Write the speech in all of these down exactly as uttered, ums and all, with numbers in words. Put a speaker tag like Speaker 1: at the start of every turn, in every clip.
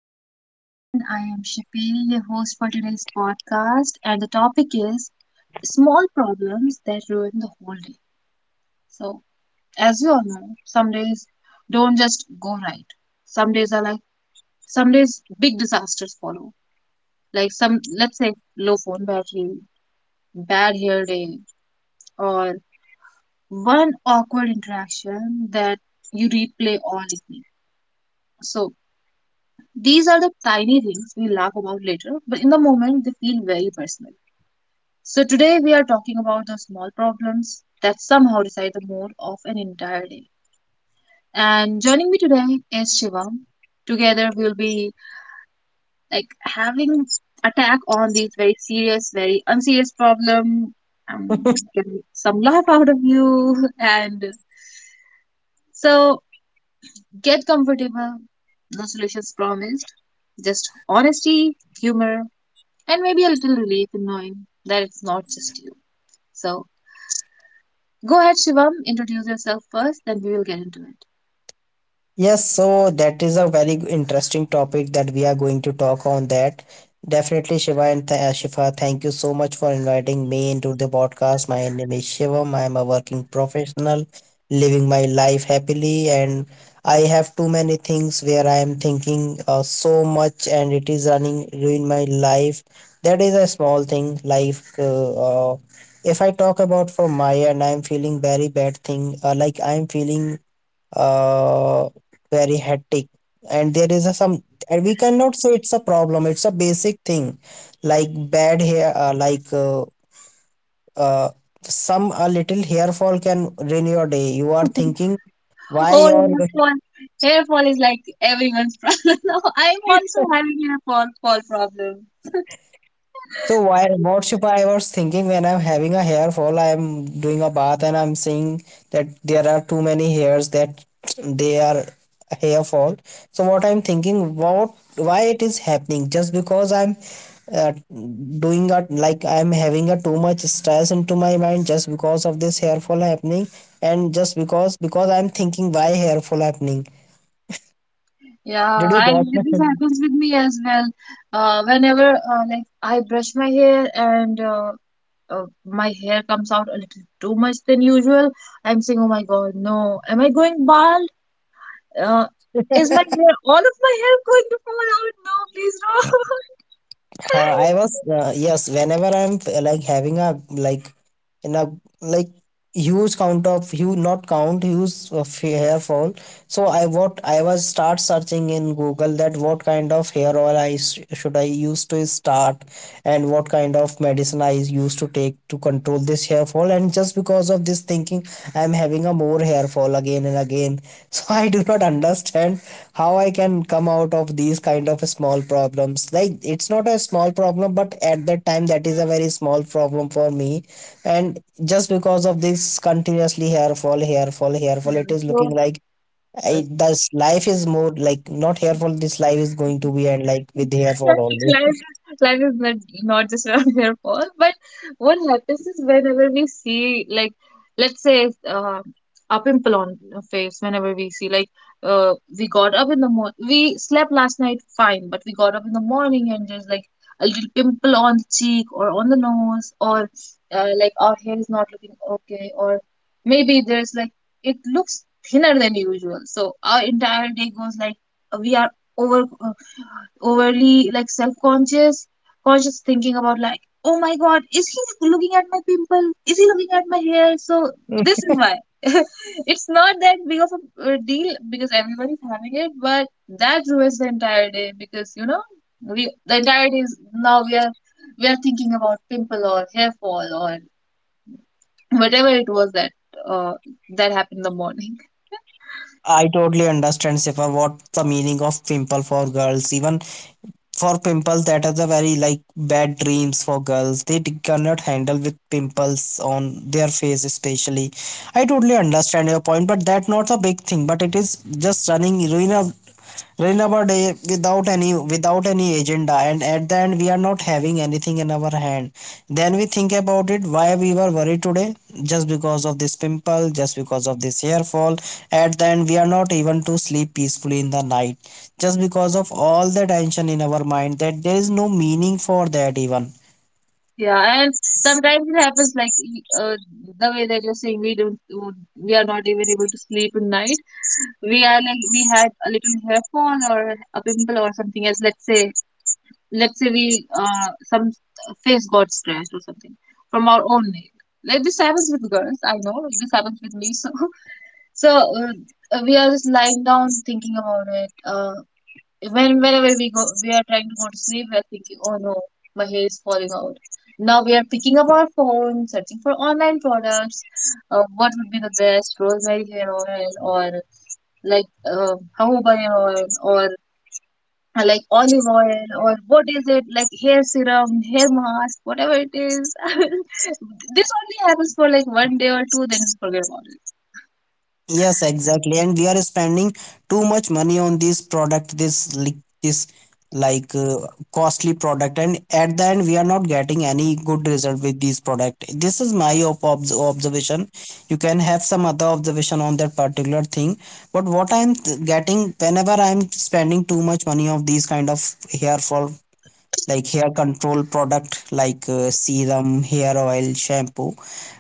Speaker 1: Hi everyone, I am Shafeel, your host for today's podcast, and the topic is small problems that ruin the whole day. So, as you all know, some days don't just go right. Some days are like, some days big disasters follow. Like some, let's say, low phone battery, bad hair day, or one awkward interaction that you replay all evening. So, these are the tiny things we laugh about later, but in the moment they feel very personal. So, today we are talking about the small problems that somehow decide the mood of an entire day. And joining me today is Shivam. Together we'll be like having attack on these very serious, very unserious problem. Um, get some laugh out of you, and so get comfortable. No solutions promised, just honesty, humor, and maybe a little relief in knowing that it's not just you. So, go ahead, Shivam. Introduce yourself first, then we will get into it.
Speaker 2: Yes, so that is a very g- interesting topic that we are going to talk on that. Definitely, Shiva and th- uh, Shifa, thank you so much for inviting me into the podcast. My name is Shivam. I am a working professional, living my life happily, and I have too many things where I am thinking uh, so much, and it is running ruin my life. That is a small thing. Life. Uh, uh, if I talk about from my end, I am feeling very bad thing. Uh, like I am feeling uh, very hectic and there is a some and we cannot say it's a problem, it's a basic thing like bad hair uh, like uh, uh, some a little hair fall can ruin your day. You are thinking why
Speaker 1: Oh,
Speaker 2: your.
Speaker 1: hair fall. Hair fall is like everyone's problem. No, I'm also having hair fall, fall problem.
Speaker 2: So why what Shubha, I was thinking when I'm having a hair fall, I'm doing a bath and I'm seeing that there are too many hairs that they are hair fall. So what I'm thinking, what why it is happening? Just because I'm uh, doing a like I'm having a too much stress into my mind just because of this hair fall happening, and just because because I'm thinking why hair fall happening.
Speaker 1: Yeah,
Speaker 2: Did you
Speaker 1: I
Speaker 2: got me?
Speaker 1: this happens with me as well. Uh, whenever uh, like I brush my hair and uh, uh, my hair comes out a little too much than usual. I'm saying, "Oh my God, no! Am I going bald? Uh, is my hair All of my hair going to fall out? No, please no!"
Speaker 2: Uh, I was uh, yes. Whenever I'm f- like having a like in a like huge count of huge not count huge of hair fall. So I what I was start searching in Google that what kind of hair oil I s- should I use to start and what kind of medicine I used to take to control this hair fall. And just because of this thinking, I'm having a more hair fall again and again. So I do not understand how I can come out of these kind of small problems. Like it's not a small problem, but at that time that is a very small problem for me. And just because of this continuously hair fall, hair fall, hair fall,
Speaker 1: Yeah,
Speaker 2: it is
Speaker 1: so
Speaker 2: looking like I, this life is more like not hair fall. This life is going to be and like with hair fall only.
Speaker 1: life life is not not just their fault, but what happens is, whenever we see like, let's say, uh, a pimple on a face. Whenever we see like, uh, we got up in the morning, we slept last night fine, but we got up in the morning and there's like a little pimple on the cheek or on the nose, or uh, like our hair is not looking okay, or maybe there's like it looks thinner than usual. So our entire day goes like we are over overly like self-conscious conscious, thinking about like, oh my god, is he looking at my pimple? Is he looking at my hair? So this is why it's not that big of a uh, deal, because everyone is having it, but that ruins the entire day. Because, you know, we, the entire day is now we are we are thinking about pimple or hair fall or whatever it was that uh, that happened in the morning.
Speaker 2: I totally understand Sifa what the meaning of pimple for girls. Even for pimples that is a very like bad dreams for girls, they cannot handle with pimples on their face especially. I totally understand your point, but that not a big thing, but it is just running ruin a Renava Day without any without any agenda and at the end we are not having anything in our hand. Then we think about it why we were worried today just because of this pimple, just because of this hair fall. At the end we are not even to sleep peacefully in the night just because of all the tension in our mind that there is no meaning for that even.
Speaker 1: Yeah, and sometimes it happens like y- uh, the way that you're saying, we don't, do- we are not even able to sleep at night. We are like we had a little hair fall or a pimple or something else. Let's say, let's say we uh some face got scratched or something from our own nail. Like this happens with girls. I know this happens with me. So so, uh, we are just lying down thinking about it. Uh, when whenever we go, we are trying to go to sleep, we are thinking, oh no, my hair is falling out. Now we are picking up our phone, searching for online products. Uh, what would be the best rosemary hair oil, or like, uh, haubani oil, or uh, like olive oil, or what is it, like hair serum, hair mask, whatever it is. This only happens for like one day or two, then we forget about
Speaker 2: Yes, exactly. And we are spending too much money on this product, this li- this like uh, costly product, and at the end we are not getting any good result with this product. This is my ob- obs observation. You can have some other observation on that particular thing, but what I am th- getting whenever I am spending too much money of these kind of hair fall like hair control product like uh, serum, hair oil, shampoo.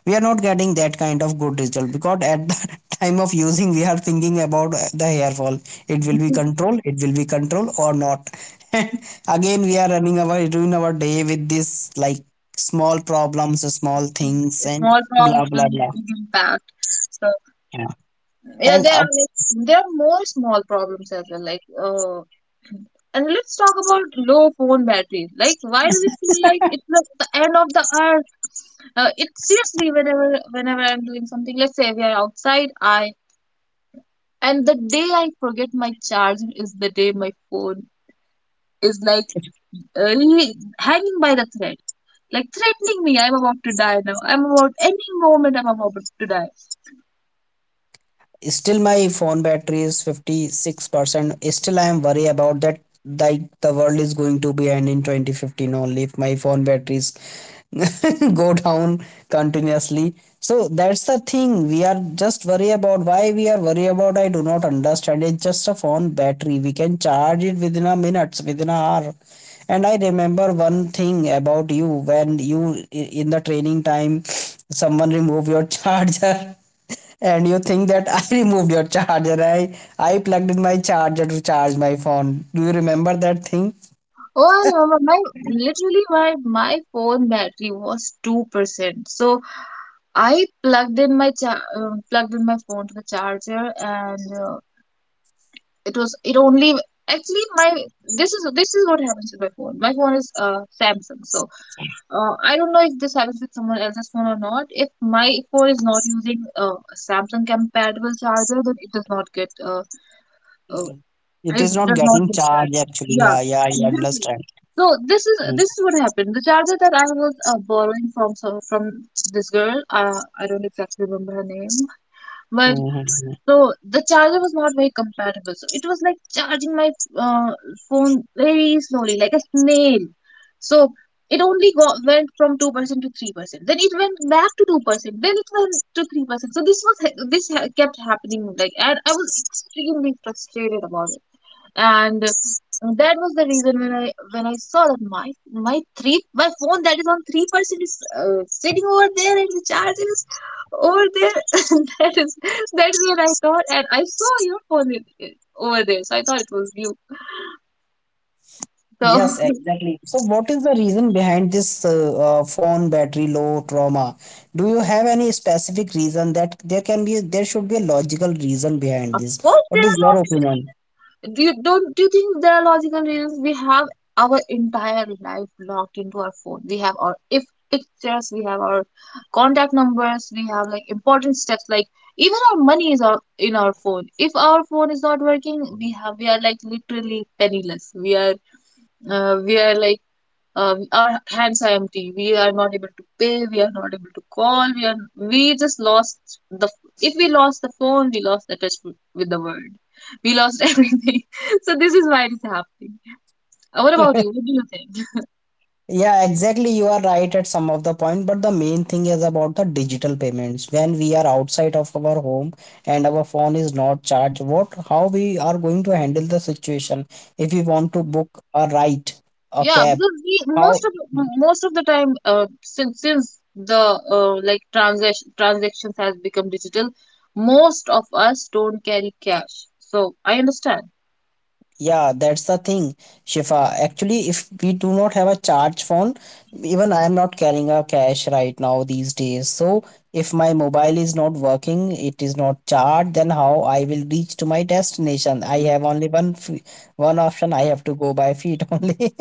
Speaker 2: We are not getting that kind of good result because at the time of using we are thinking about uh, the hair fall, it will be controlled it will be controlled or not, and again we are running our doing our day with this like small problems, small things
Speaker 1: it.
Speaker 2: and
Speaker 1: Small
Speaker 2: blah
Speaker 1: problem,
Speaker 2: blah blah,
Speaker 1: big impact. So,
Speaker 2: yeah.
Speaker 1: yeah,
Speaker 2: And
Speaker 1: there
Speaker 2: uh,
Speaker 1: are like, there are more small problems as well. Like, uh, and let's talk about low phone battery. Like, why does it feel like it's like the end of the earth? Uh, it Seriously, whenever whenever I'm doing something, let's say we are outside, I and the day I forget my charge is the day my phone is like, uh, really hanging by the thread, like threatening me. I'm about to die now. I'm about Any moment I'm about to die.
Speaker 2: still my phone battery is fifty-six percent, still I am worried about that like the world is going to be end in two thousand fifteen only if my phone batteries go down continuously. So that's the thing, we are just worry about why we are worry about. I do not understand, it's just a phone battery, we can charge it within a minutes, within an hour. And I remember one thing about you, when you in the training time someone remove your charger. And you think that I removed your charger. I I plugged in my charger to charge my phone. Do you remember that thing?
Speaker 1: Oh, I remember, my literally my my phone battery was two percent. So I plugged in my cha- um, plugged in my phone to the charger, and uh, it was it only actually my this is this is what happens with my phone. My phone is uh, Samsung. So, uh, I don't know if this happens with someone else's phone or not. If my phone is not using uh, a Samsung compatible charger, then it does not get uh, uh,
Speaker 2: Mm. It
Speaker 1: I
Speaker 2: is not
Speaker 1: does not
Speaker 2: getting
Speaker 1: get that.
Speaker 2: charged actually.
Speaker 1: Yeah,
Speaker 2: Yeah, yeah, I
Speaker 1: exactly.
Speaker 2: understand.
Speaker 1: So this is
Speaker 2: Mm,
Speaker 1: this is what happened. The charger that I was uh, borrowing from some from this girl, uh, I don't exactly remember her name, but
Speaker 2: mhm, mhm.
Speaker 1: so the charger was not very compatible. So it was like charging my uh, phone very slowly, like a snail. So it only got, went from two percent to three percent. Then it went back to two percent. Then it went to three percent. So this was ha- this ha- kept happening, like, and I was extremely frustrated about it. And that was the reason, when I when I saw that my my three my phone that is on three percent is uh, sitting over there, and the charger is over there. That is that is what I thought, and I saw your phone i- i- over there, so I thought it was you. So
Speaker 2: Yes, exactly. So, what is the reason behind this uh, uh, phone battery low trauma? Do you have any specific reason that there can be, there should be a logical reason behind
Speaker 1: of
Speaker 2: this?
Speaker 1: course
Speaker 2: What
Speaker 1: there
Speaker 2: is your
Speaker 1: are.
Speaker 2: opinion?
Speaker 1: Do you don't Do you think there are logical reasons? We have our entire life locked into our phone. We have our if pictures, we have our contact numbers, we have like important steps. Like, even our money is our, in our phone. If our phone is not working, we have we are like literally penniless. We are uh, we are like, um, our hands are empty. We are not able to pay, we are not able to call. We are we just lost the, if we lost the phone, we lost the touch with with the world. We lost everything. So this is why it is happening. Uh, what about you, what do you think?
Speaker 2: Yeah, exactly. You are right at some of the point, but the main thing is about the digital payments. When we are outside of our home and our phone is not charged, what how we are going to handle the situation if we want to book a ride, a
Speaker 1: Yeah,
Speaker 2: cab?
Speaker 1: because we
Speaker 2: How?
Speaker 1: most of most of the time, uh, since since the uh, like transaction transactions has become digital, most of us don't carry cash. So I understand.
Speaker 2: Yeah, that's the thing, Shifa. Actually, if we do not have a charge phone, even I am not carrying a cash right now these days. So if my mobile is not working, it is not charged, then how I will reach to my destination? I have only one f- one option. I have to go by feet only.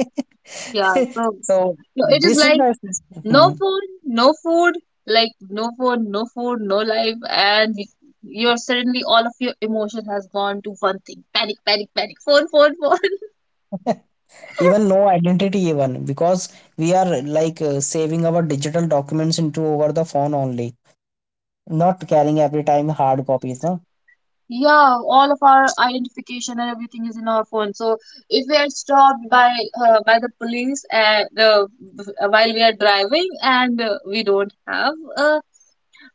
Speaker 1: Yeah, so,
Speaker 2: So
Speaker 1: so it is
Speaker 2: this is
Speaker 1: like,
Speaker 2: the.
Speaker 1: no
Speaker 2: Hmm.
Speaker 1: phone, no food. Like no phone, no food, no life. And y- you're suddenly all of your emotion has gone to one thing. Panic, panic, panic. Phone, phone, phone.
Speaker 2: Even no identity even because we are like uh, saving our digital documents into over the phone only, not carrying every time hard copies, no?
Speaker 1: Yeah, all of our identification and everything is in our phone. So if we are stopped by uh, by the police, and uh, while we are driving, and uh, we don't have a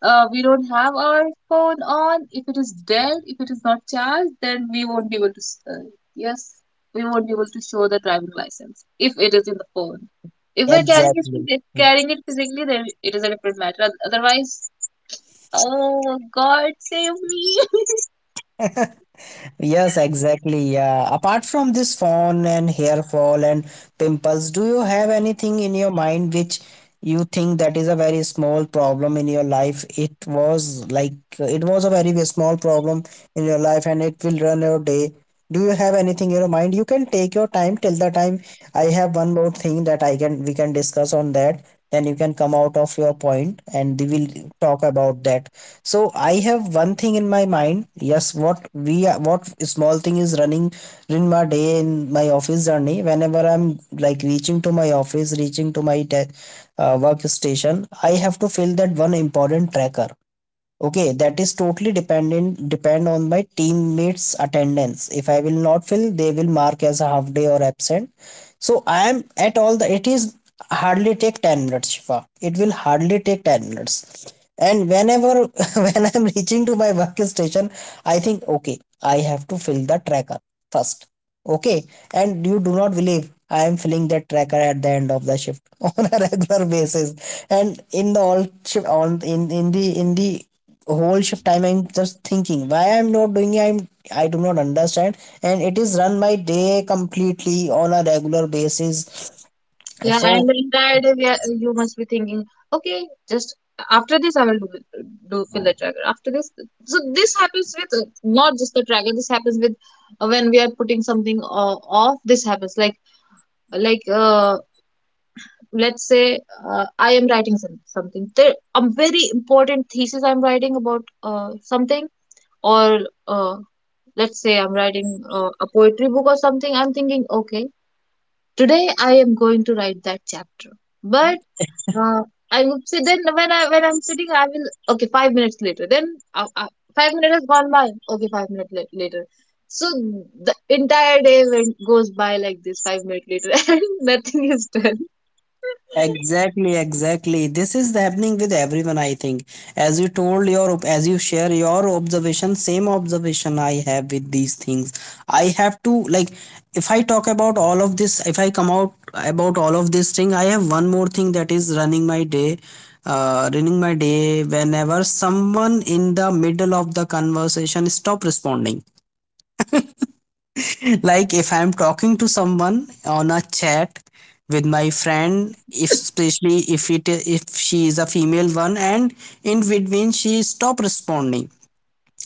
Speaker 1: uh, we don't have our phone on, if it is dead, if it is not charged, then we won't be able to. Uh, yes, we won't be able to show the driving license if it is in the phone. If we're carrying
Speaker 2: Exactly.
Speaker 1: it, carrying it physically, then it is a different matter. Otherwise, oh God, save me!
Speaker 2: Yes, exactly. Yeah. Apart from this fawn and hair fall and pimples, do you have anything in your mind which you think that is a very small problem in your life? It was like it was a very small problem in your life, and it will run your day. Do you have anything in your mind, you can take your time till the time. I have one more thing that I can we can discuss on that, then you can come out of your point and we will talk about that. So I have one thing in my mind, yes, what we are what small thing is running in my day. In my office journey, whenever I'm like reaching to my office, reaching to my de- uh, workstation, I have to fill that one important tracker. Okay, that is totally dependent depend on my teammates attendance, if I will not fill they will mark as a half day or absent. So I am at all the it is hardly take ten minutes, Shifa, it will hardly take ten minutes. And whenever when I'm reaching to my workstation, I think okay I have to fill the tracker first, okay, and you do not believe, I am filling that tracker at the end of the shift on a regular basis. And in the all shift on in in the in the whole shift time I'm just thinking why I'm not doing it, I'm I do not understand, and it is run by day completely on a regular basis.
Speaker 1: Yeah, and
Speaker 2: So
Speaker 1: the entire day we are, you must be thinking, okay, just after this I will do, do fill the tracker. After this, so this happens with, uh, not just the tracker. This happens with, uh, when we are putting something uh, off. This happens like, like uh, let's say, uh, I am writing some, something. There a very important thesis I'm writing about, uh, something, or uh, let's say I'm writing uh, a poetry book or something. I'm thinking, okay, today I am going to write that chapter. But Uh, I would say, then when I when I'm sitting, I will, okay, five minutes later. Then, uh, uh, five minutes has gone by. Okay, five minutes la- later. So the entire day went goes by like this. Five minutes later, and nothing is done.
Speaker 2: exactly, exactly. This is happening with everyone, I think. As you told your, op- as you share your observation, same observation I have with these things. I have to like, if I talk about all of this, if I come out about all of this thing, I have one more thing that is running my day, uh, running my day. Whenever someone in the middle of the conversation stop responding, like if I'm talking to someone on a chat with my friend, if especially if it if she is a female one and in between she stop responding,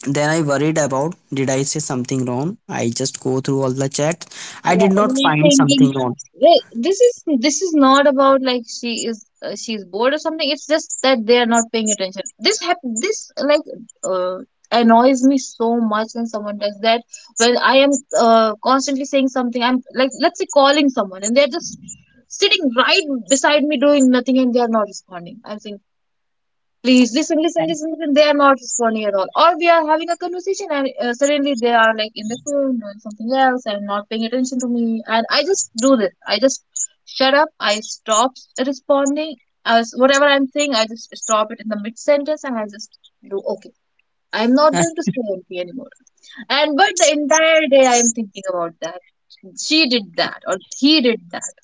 Speaker 2: then I worried about did I say something wrong, I just go through all the chat, I
Speaker 1: Yeah,
Speaker 2: did not find
Speaker 1: rethinking.
Speaker 2: something wrong.
Speaker 1: Wait, this is this is not about like she is, uh, she's bored or something. It's just that they are not paying attention. This hap this like uh, annoys me so much when someone does that. When I am uh, constantly saying something, I'm like, let's say, calling someone, and they're just sitting right beside me doing nothing, and they are not responding. I'm saying, please listen, listen, listen, listen. They are not responding at all. Or we are having a conversation, and uh, suddenly they are like in the phone doing something else and not paying attention to me. And I just do this. I just shut up. I stop responding. As whatever I'm saying, I just stop it in the mid sentence, and I just do okay. I'm not going to say anything anymore. And but the entire day I'm thinking about that. She did that, or he did that.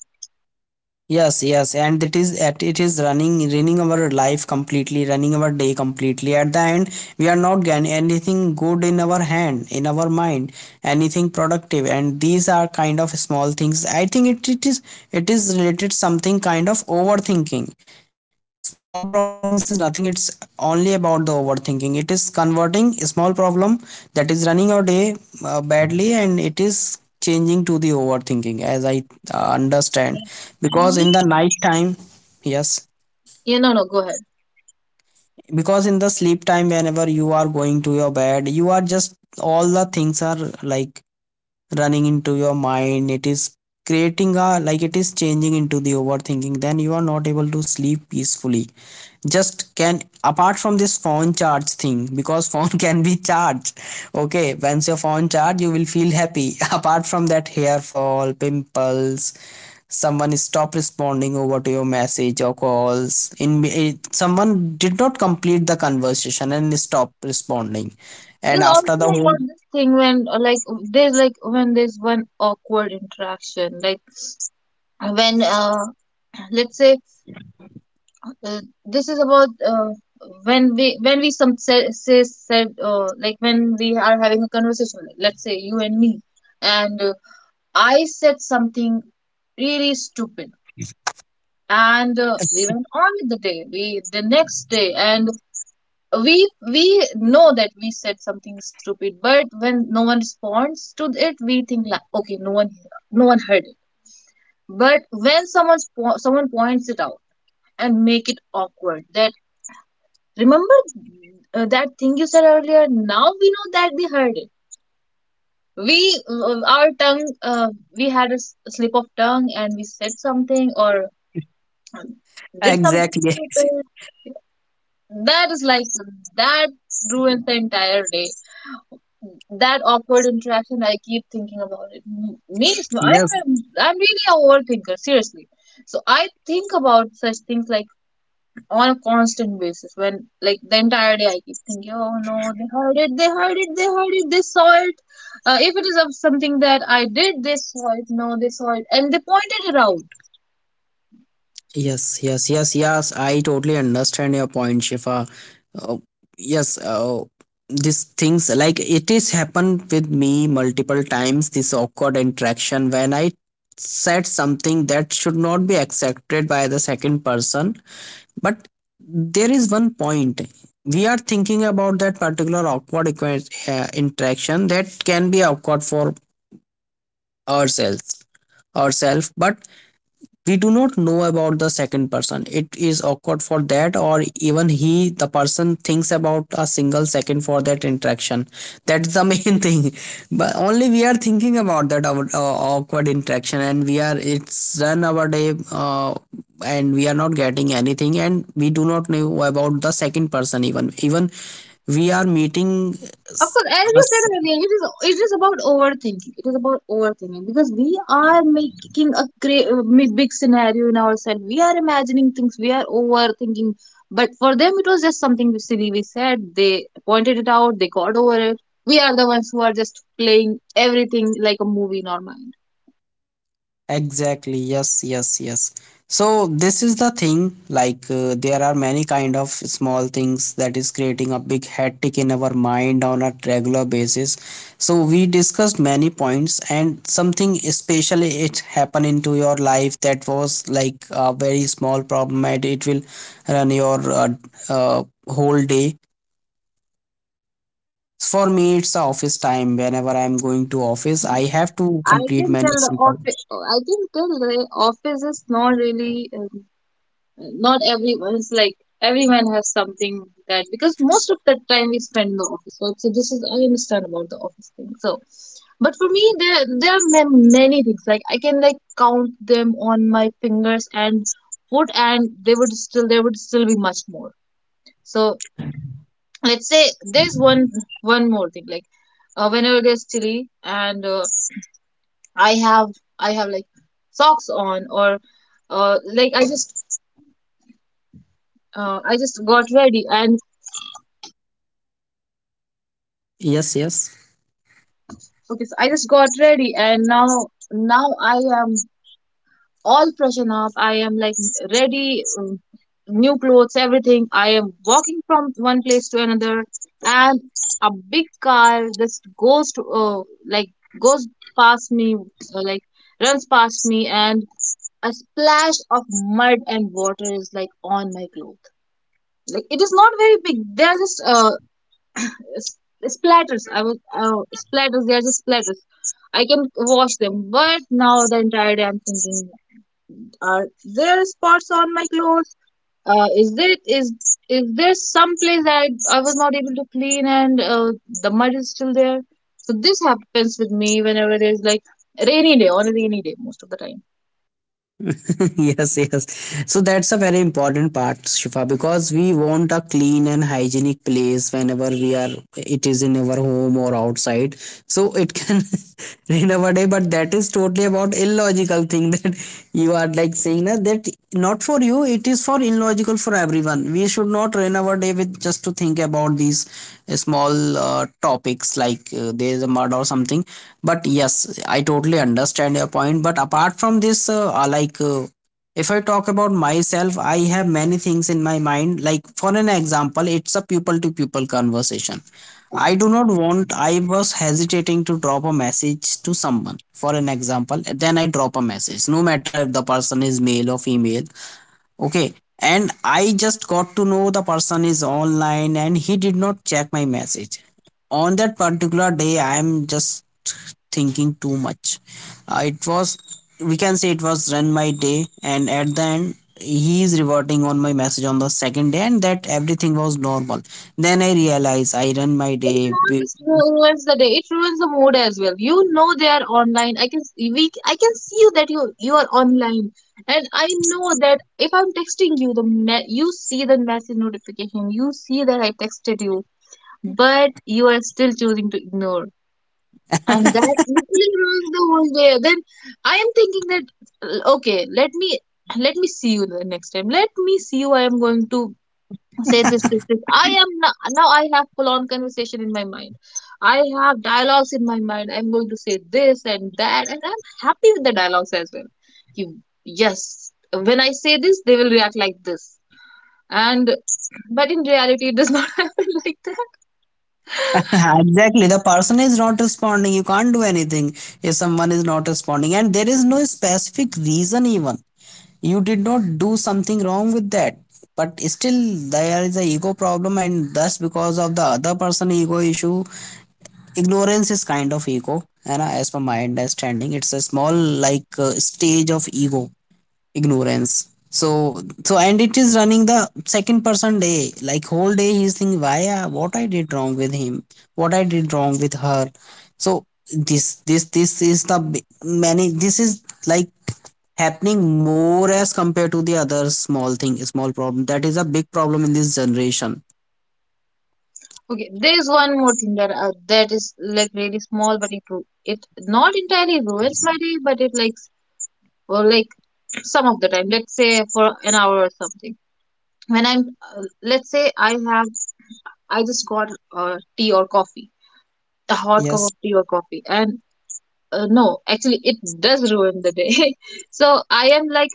Speaker 2: Yes, yes, and it is at it is running running our life completely, running our day completely. At the end, we are not getting anything good in our hand, in our mind, anything productive. And these are kind of small things. I think it, it is it is related something kind of overthinking. Small problem is nothing, it's only about the overthinking, it is converting a small problem that is running our day uh, badly, and it is changing to the overthinking as I uh, understand.
Speaker 1: And
Speaker 2: Because
Speaker 1: he-
Speaker 2: in the night time, yes,
Speaker 1: Yeah, no, no, go ahead.
Speaker 2: because in the sleep time whenever you are going to your bed you are just all the things are like running into your mind, it is creating a like it is changing into the overthinking, then you are not able to sleep peacefully. Just can apart from this phone charge thing because phone can be charged, okay, once your phone charge you will feel happy. Apart from that, hair fall, pimples, someone stop responding over to your message or calls in, someone did not complete the conversation and stop responding, and
Speaker 1: There's
Speaker 2: after
Speaker 1: also
Speaker 2: the whole
Speaker 1: about this thing when uh, like there's like when there's one awkward interaction like when uh let's say uh, this is about uh, when we when we some say, say said uh, like when we are having a conversation like, let's say you and me and uh, I said something really stupid and uh, we went on with the day we the next day and we we know that we said something stupid, but when no one responds to it we think like okay, no one no one heard it. But when someone someone points it out and make it awkward that remember uh, that thing you said earlier, now we know that they heard it. We uh, our tongue uh, We had a s- slip of tongue and we said something or um, did something
Speaker 2: exactly.
Speaker 1: stupid. That is like that ruins the entire day. That awkward interaction, I keep thinking about it. M- me is- I
Speaker 2: Yes.
Speaker 1: am I'm really a overthinker, seriously. So I think about such things like on a constant basis when like the entire day I keep thinking, oh no, they heard it, they heard it, they heard it, they saw it. Uh, if it is of something that I did, they saw it, no, they saw it and they pointed it out.
Speaker 2: Yes, yes, yes, yes. I totally understand your point, Shifa. Uh, yes, uh, these things, like, it is happened with me multiple times. This awkward interaction when I said something that should not be accepted by the second person. But there is one point we are thinking about that particular awkward equa- uh, interaction that can be awkward for ourselves, ourselves, but we do not know about the second person it is awkward for that, or even he, the person, thinks about a single second for that interaction. That's the main thing. But only we are thinking about that our, uh, awkward interaction, and we are, it's run our day, uh, and we are not getting anything, and we do not know about the second person. Even even we are meeting
Speaker 1: Of course, as you said
Speaker 2: us.
Speaker 1: earlier, it is it is about overthinking. It is about overthinking because we are making a great, big scenario in ourselves. We are imagining things. We are overthinking. But for them, it was just something silly we said. They pointed it out. They got over it. We are the ones who are just playing everything like a movie in our mind.
Speaker 2: Exactly. Yes, yes, yes. So this is the thing, like, uh, there are many kind of small things that is creating a big hectic in our mind on a regular basis. So we discussed many points, and something especially it happened into your life that was like a very small problem, and it will run your uh, uh, whole day. For me, it's the office time. Whenever I'm going to office, I have to
Speaker 1: I can
Speaker 2: complete
Speaker 1: tell
Speaker 2: many
Speaker 1: the
Speaker 2: simple.
Speaker 1: office. I can tell the office is not really. Uh, not everyone's like everyone has something that, because most of the time we spend in the office, right? So this is, I understand about the office thing. So but for me, there there are ma- many things like I can like count them on my fingers and foot, and they would still, there would still be much more. So let's say there's one one more thing like uh, whenever it is chilly and uh, i have I have like socks on or uh, like i just uh, I just got ready and
Speaker 2: Yes, yes,
Speaker 1: okay, so I just got ready and now now I am all freshen up. I am like ready, um, new clothes, everything. I am walking from one place to another and a big car just goes to uh, like goes past me uh, like runs past me, and a splash of mud and water is like on my clothes. Like it is not very big. They are just uh, s- splatters. I was uh, splatters. They are just splatters. I can wash them, but now the entire day I'm thinking: Are there spots on my clothes? Uh, is there is is there some place that I, I was not able to clean, and uh, the mud is still there? So this happens with me whenever there's like rainy day on a rainy day, most of the time.
Speaker 2: yes, yes. So that's a very important part, Shifa, because we want a clean and hygienic place whenever we are, it is in our home or outside. So it can rain our day, but that is totally about illogical thing that you are like saying na, that not for you, it is for illogical for everyone. We should not rain our day with just to think about these uh, small uh, topics, like, uh, there is a mud or something. But yes, I totally understand your point. But apart from this, uh, uh, like, uh, if I talk about myself, I have many things in my mind. Like, for an example, it's a people to people conversation. I do not want, I was hesitating to drop a message to someone. For an example, then I drop a message, no matter if the person is male or female. Okay. And I just got to know the person is online and he did not check my message. On that particular day, I am just thinking too much. Uh, it was, we can say it was run my day. And at the end, he is reverting on my message on the second day, and that everything was normal. Then I realize I run my
Speaker 1: It
Speaker 2: day.
Speaker 1: not just ru- ruins the day; it ruins the mood as well. You know they are online. I can s- we I can see you that you you are online, and I know that if I'm texting you, the me- you see the message notification. You see that I texted you, but you are still choosing to ignore. And
Speaker 2: with-
Speaker 1: that literally ruins the whole day. Then I am thinking that uh, okay, let me let me see you the next time. Let me see you. I am going to say this, this, this. I am not, now I have full on conversation in my mind. I have dialogues in my mind. I'm going to say this and that, and I'm happy with the dialogues as well. You, yes, when I say this, they will react like this. And but in reality, it does not happen like that.
Speaker 2: exactly. The person is not responding, you can't do anything. If someone is not responding and there is no specific reason, even you did not do something wrong with that, but still there is a ego problem. And thus, because of the other person ego issue, ignorance is kind of ego, and as per my understanding, it's a small, like, uh, stage of ego, ignorance. So so and it is running the second person day, like whole day he's thinking, why, uh, what I did wrong with him, what I did wrong with her. So this this this is the b- many, this is, like, happening more as compared to the other small thing, small problem, that is a big problem in this generation.
Speaker 1: Okay, there is one more thing that uh, that is like really small, but it ru- it not entirely ruins my day, but it like s- or like some of the time. Let's say for an hour or something. When I'm uh, let's say I have I just got uh, tea or coffee, a hot cup
Speaker 2: Yes,
Speaker 1: of tea or coffee, and uh, no, actually, it does ruin the day. So I am like,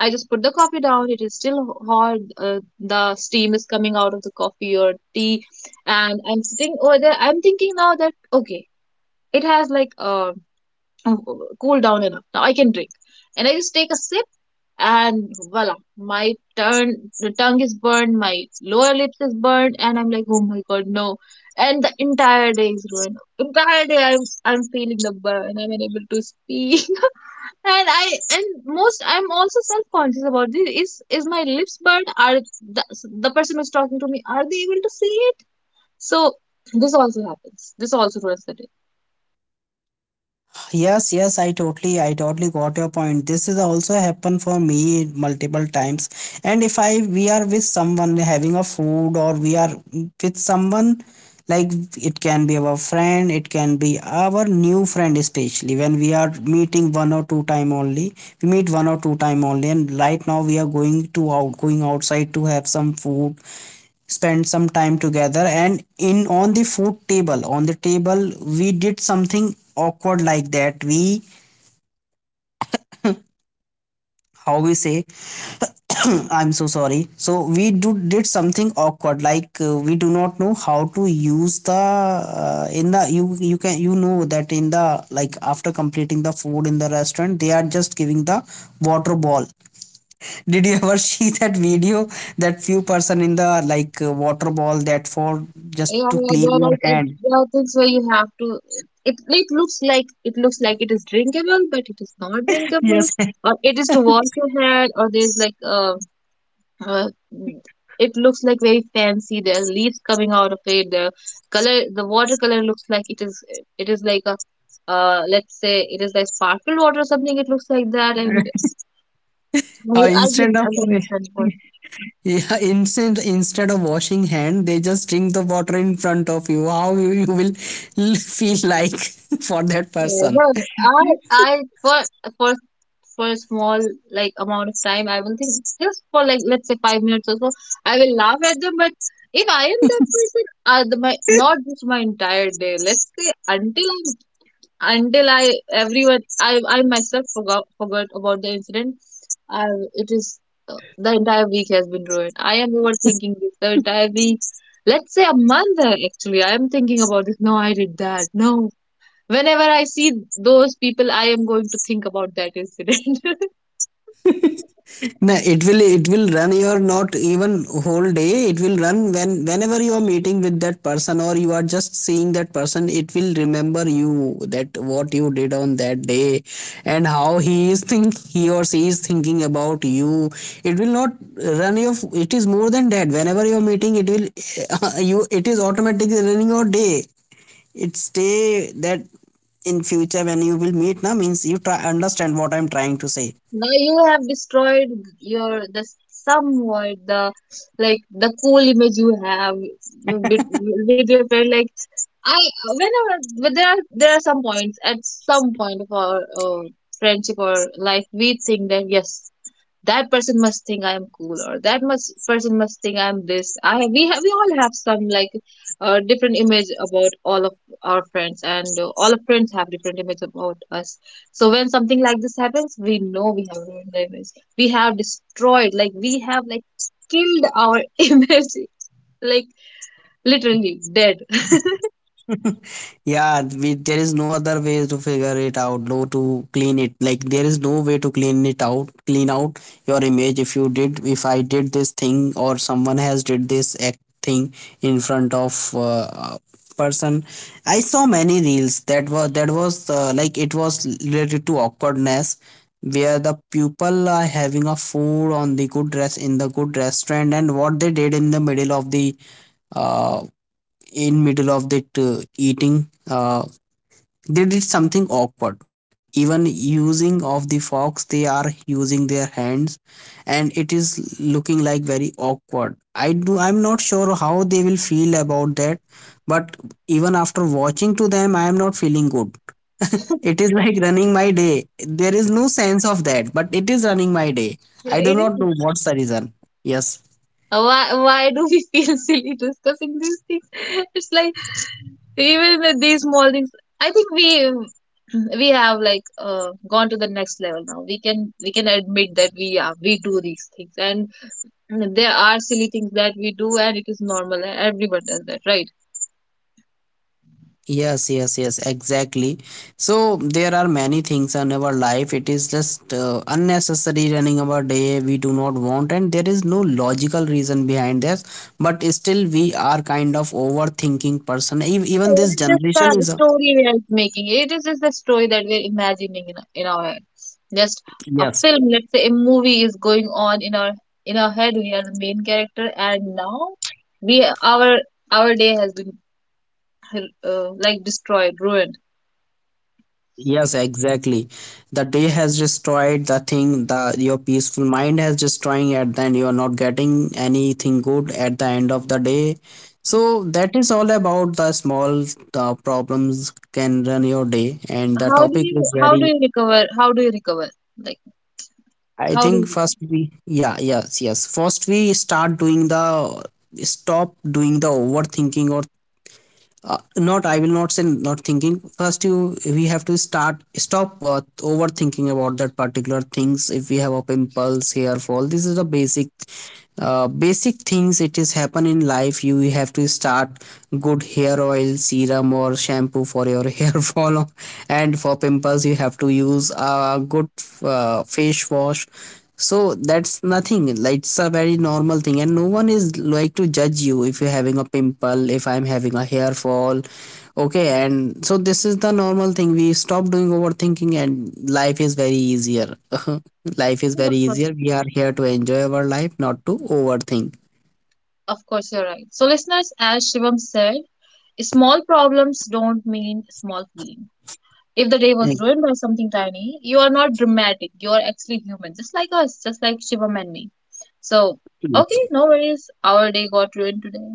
Speaker 1: I just put the coffee down. It is still hot. Uh, the steam is coming out of the coffee or tea, and I'm sitting over there. I'm thinking now that okay, it has like uh cooled down enough. Now I can drink, and I just take a sip, and voila, my turn, the tongue is burned, my lower lips is burned, and I'm like, oh my god, no. And the entire day is ruined. Entire day i'm I'm feeling the burn, I'm unable to speak. And I and most I'm also self-conscious about this. is is my lips burned? Are the, the person who's talking to me, are they able to see it? So this also happens, this also ruins the day.
Speaker 2: yes, yes, i totally i totally got your point. This is also happened for me multiple times. And if I, we are with someone having a food, or we are with someone, like, it can be our friend, it can be our new friend. Especially when we are meeting one or two time only, we meet one or two time only, and right now we are going to out going outside to have some food, spent some time together. And in on the food table, on the table, we did something awkward, like, that we, how we say, I'm so sorry. So we do did something awkward, like, uh, we do not know how to use the, uh, in the, you you can, you know, that in the, like, after completing the food in the restaurant, they are just giving the water ball. Did you ever see that video, that few person in the, like, uh, water ball, that for just
Speaker 1: Yeah,
Speaker 2: to
Speaker 1: yeah,
Speaker 2: clean
Speaker 1: there are
Speaker 2: your
Speaker 1: like uh,
Speaker 2: hand?
Speaker 1: there are things where you have to. It it looks like it looks like it is drinkable, but it is not drinkable.
Speaker 2: Yes.
Speaker 1: Or it is to wash your hair, or there's like uh, uh mm, it looks like very fancy. There are leaves coming out of it. The color, the watercolor looks like it is it is like a uh let's say it is like sparkle water or something. It looks like that, and
Speaker 2: uh,
Speaker 1: I I get
Speaker 2: instead
Speaker 1: it.
Speaker 2: of
Speaker 1: I understand what.
Speaker 2: yeah, instead instead of washing hand, they just drink the water in front of you. How you, you will feel, like, for that
Speaker 1: Yeah,
Speaker 2: person?
Speaker 1: but I I for for for a small like amount of time I will think, just for like let's say five minutes or so I will laugh at them. But if I am that person, uh, the, my not just my entire day, let's say until I until I everyone, I I myself forgot forgot about the incident, I it is uh, the entire week has been ruined. I am overthinking this the entire week. Let's say a month. Uh, actually, I am thinking about this, no I did that, no. Whenever I see those people, I am going to think about that incident.
Speaker 2: No, it will it will run your not even whole day. It will run, when whenever you are meeting with that person, or you are just seeing that person. It will remember you that what you did on that day and how he is think he or she is thinking about you. It will not run your. It is more than that. Whenever you are meeting, it will uh, you. It is automatically running your day. It's day that in future when you will meet now means, you try understand what I'm trying to say.
Speaker 1: Now you have destroyed your the somewhat the like the cool image you have with, with your friend. Like I whenever but there are there are some points, at some point of our uh, friendship or life, we think that yes, that person must think I am cool, or that must person must think I am this. I We, have we all have some like uh, different image about all of our friends, and uh, all of friends have different image about us. So when something like this happens, we know we have ruined the image. We have destroyed, like we have like killed our image, like literally dead.
Speaker 2: Yeah, we, there is no other way to figure it out, no, to clean it. Like, there is no way to clean it out, clean out your image. If you did, if I did this thing, or someone has did this act thing in front of, uh, person. I saw many reels that was that was, uh, like, it was related to awkwardness, where the people are having a food on the good dress in the good restaurant, and what they did in the middle of the uh in middle of the uh, eating, uh they did something awkward, even using of the fox, they are using their hands, and it is looking like very awkward. i do I'm not sure how they will feel about that. But even after watching to them, I am not feeling good. It is like running my day. There is no sense of that, but it is running my day. I do
Speaker 1: It
Speaker 2: not
Speaker 1: is,
Speaker 2: know what's the reason. Yes.
Speaker 1: Why, why do we feel silly discussing these things? It's like even with these small things, I think we we have like uh, gone to the next level now. We can we can admit that we are, we do these things, and there are silly things that we do, and it is normal. And everyone does that, right?
Speaker 2: Yes, yes, yes, exactly. So there are many things in our life. It is just uh, unnecessary running our day we do not want, and there is no logical reason behind this. But still, we are kind of overthinking person. Ev- Even this
Speaker 1: It is just
Speaker 2: generation
Speaker 1: the
Speaker 2: is a.
Speaker 1: story we are making. It is just the story that we're imagining in in our head. Just a
Speaker 2: Yes.
Speaker 1: film. Let's say a movie is going on in our in our head. We are the main character, and now we our our day has been uh, like destroyed, ruined.
Speaker 2: Yes, exactly. The day has destroyed the thing, the your peaceful mind has destroying at the end. You are not getting anything good at the end of the day. So that is all about the small uh, problems can run your day. And the
Speaker 1: How do
Speaker 2: topic
Speaker 1: you
Speaker 2: is
Speaker 1: how do
Speaker 2: very.
Speaker 1: you recover? How do you recover? Like
Speaker 2: I
Speaker 1: how do
Speaker 2: think
Speaker 1: you?
Speaker 2: first we, yeah, yes, yes. First we start doing the, stop doing the overthinking, or uh, not, I will not say not thinking. First you, we have to start stop uh, overthinking about that particular things. If we have a pimples, hair fall, this is the basic, uh, basic things it is happen in life. You have to start good hair oil serum or shampoo for your hair fall. And for pimples, you have to use a good uh, face wash. So that's nothing, like, it's a very normal thing, and no one is like to judge you if you're having a pimple, if I'm having a hair fall. Okay. And so this is the normal thing. We stop doing overthinking, and life is very easier. Life is
Speaker 1: Recover?
Speaker 2: very
Speaker 1: Of course,
Speaker 2: easier. We are here to enjoy our life, not to overthink.
Speaker 1: of course, you're right. So listeners, as Shivam said, small problems don't mean small feelings. If the day
Speaker 2: Eh,
Speaker 1: was ruined by something tiny, you are not dramatic. You are actually human, just like us, just like Shivam and me. So, okay,
Speaker 2: Yes.
Speaker 1: no worries. Our day got ruined today.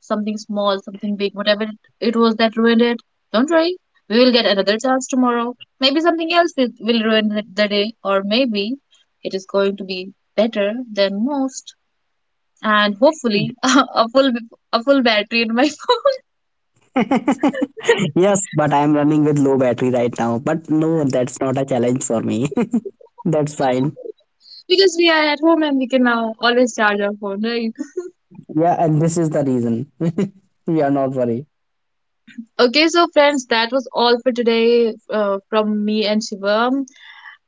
Speaker 1: Something small, something big, whatever it it was that ruined it. Don't worry. We will get another chance tomorrow. Maybe something else will, will ruin the, the day, or maybe it is going to be better than most. And hopefully, a full a full battery in my phone.
Speaker 2: Yes, but I'm running with low battery right now. But no, that's not a challenge for me. That's fine.
Speaker 1: Because we are at home and we can now always charge our phone, right?
Speaker 2: Yeah, and this is the reason. We are not worried.
Speaker 1: Okay, so friends, that was all for today uh, from me and Shivam.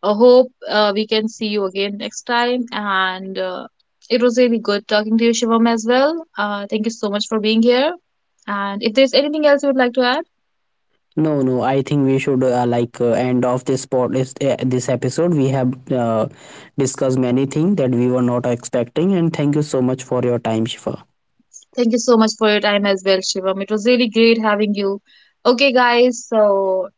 Speaker 1: I hope uh, we can see you again next time. And uh, it was really good talking to you, Shivam, as well. Uh, thank you so much for being here. And if there's anything else you would like to add,
Speaker 2: No, no. I think we should uh, like, uh, end off this pod is- uh, this episode. We have uh, discussed many things that we were not expecting, and thank you so much for your time, Shifa.
Speaker 1: thank you so much for your time as well, Shivam. It was really great having you. Okay, guys, so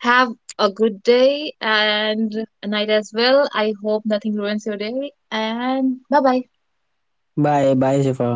Speaker 1: have a good day and a night as well. I hope nothing ruins your day. And bye bye.
Speaker 2: Bye, bye, Shifa.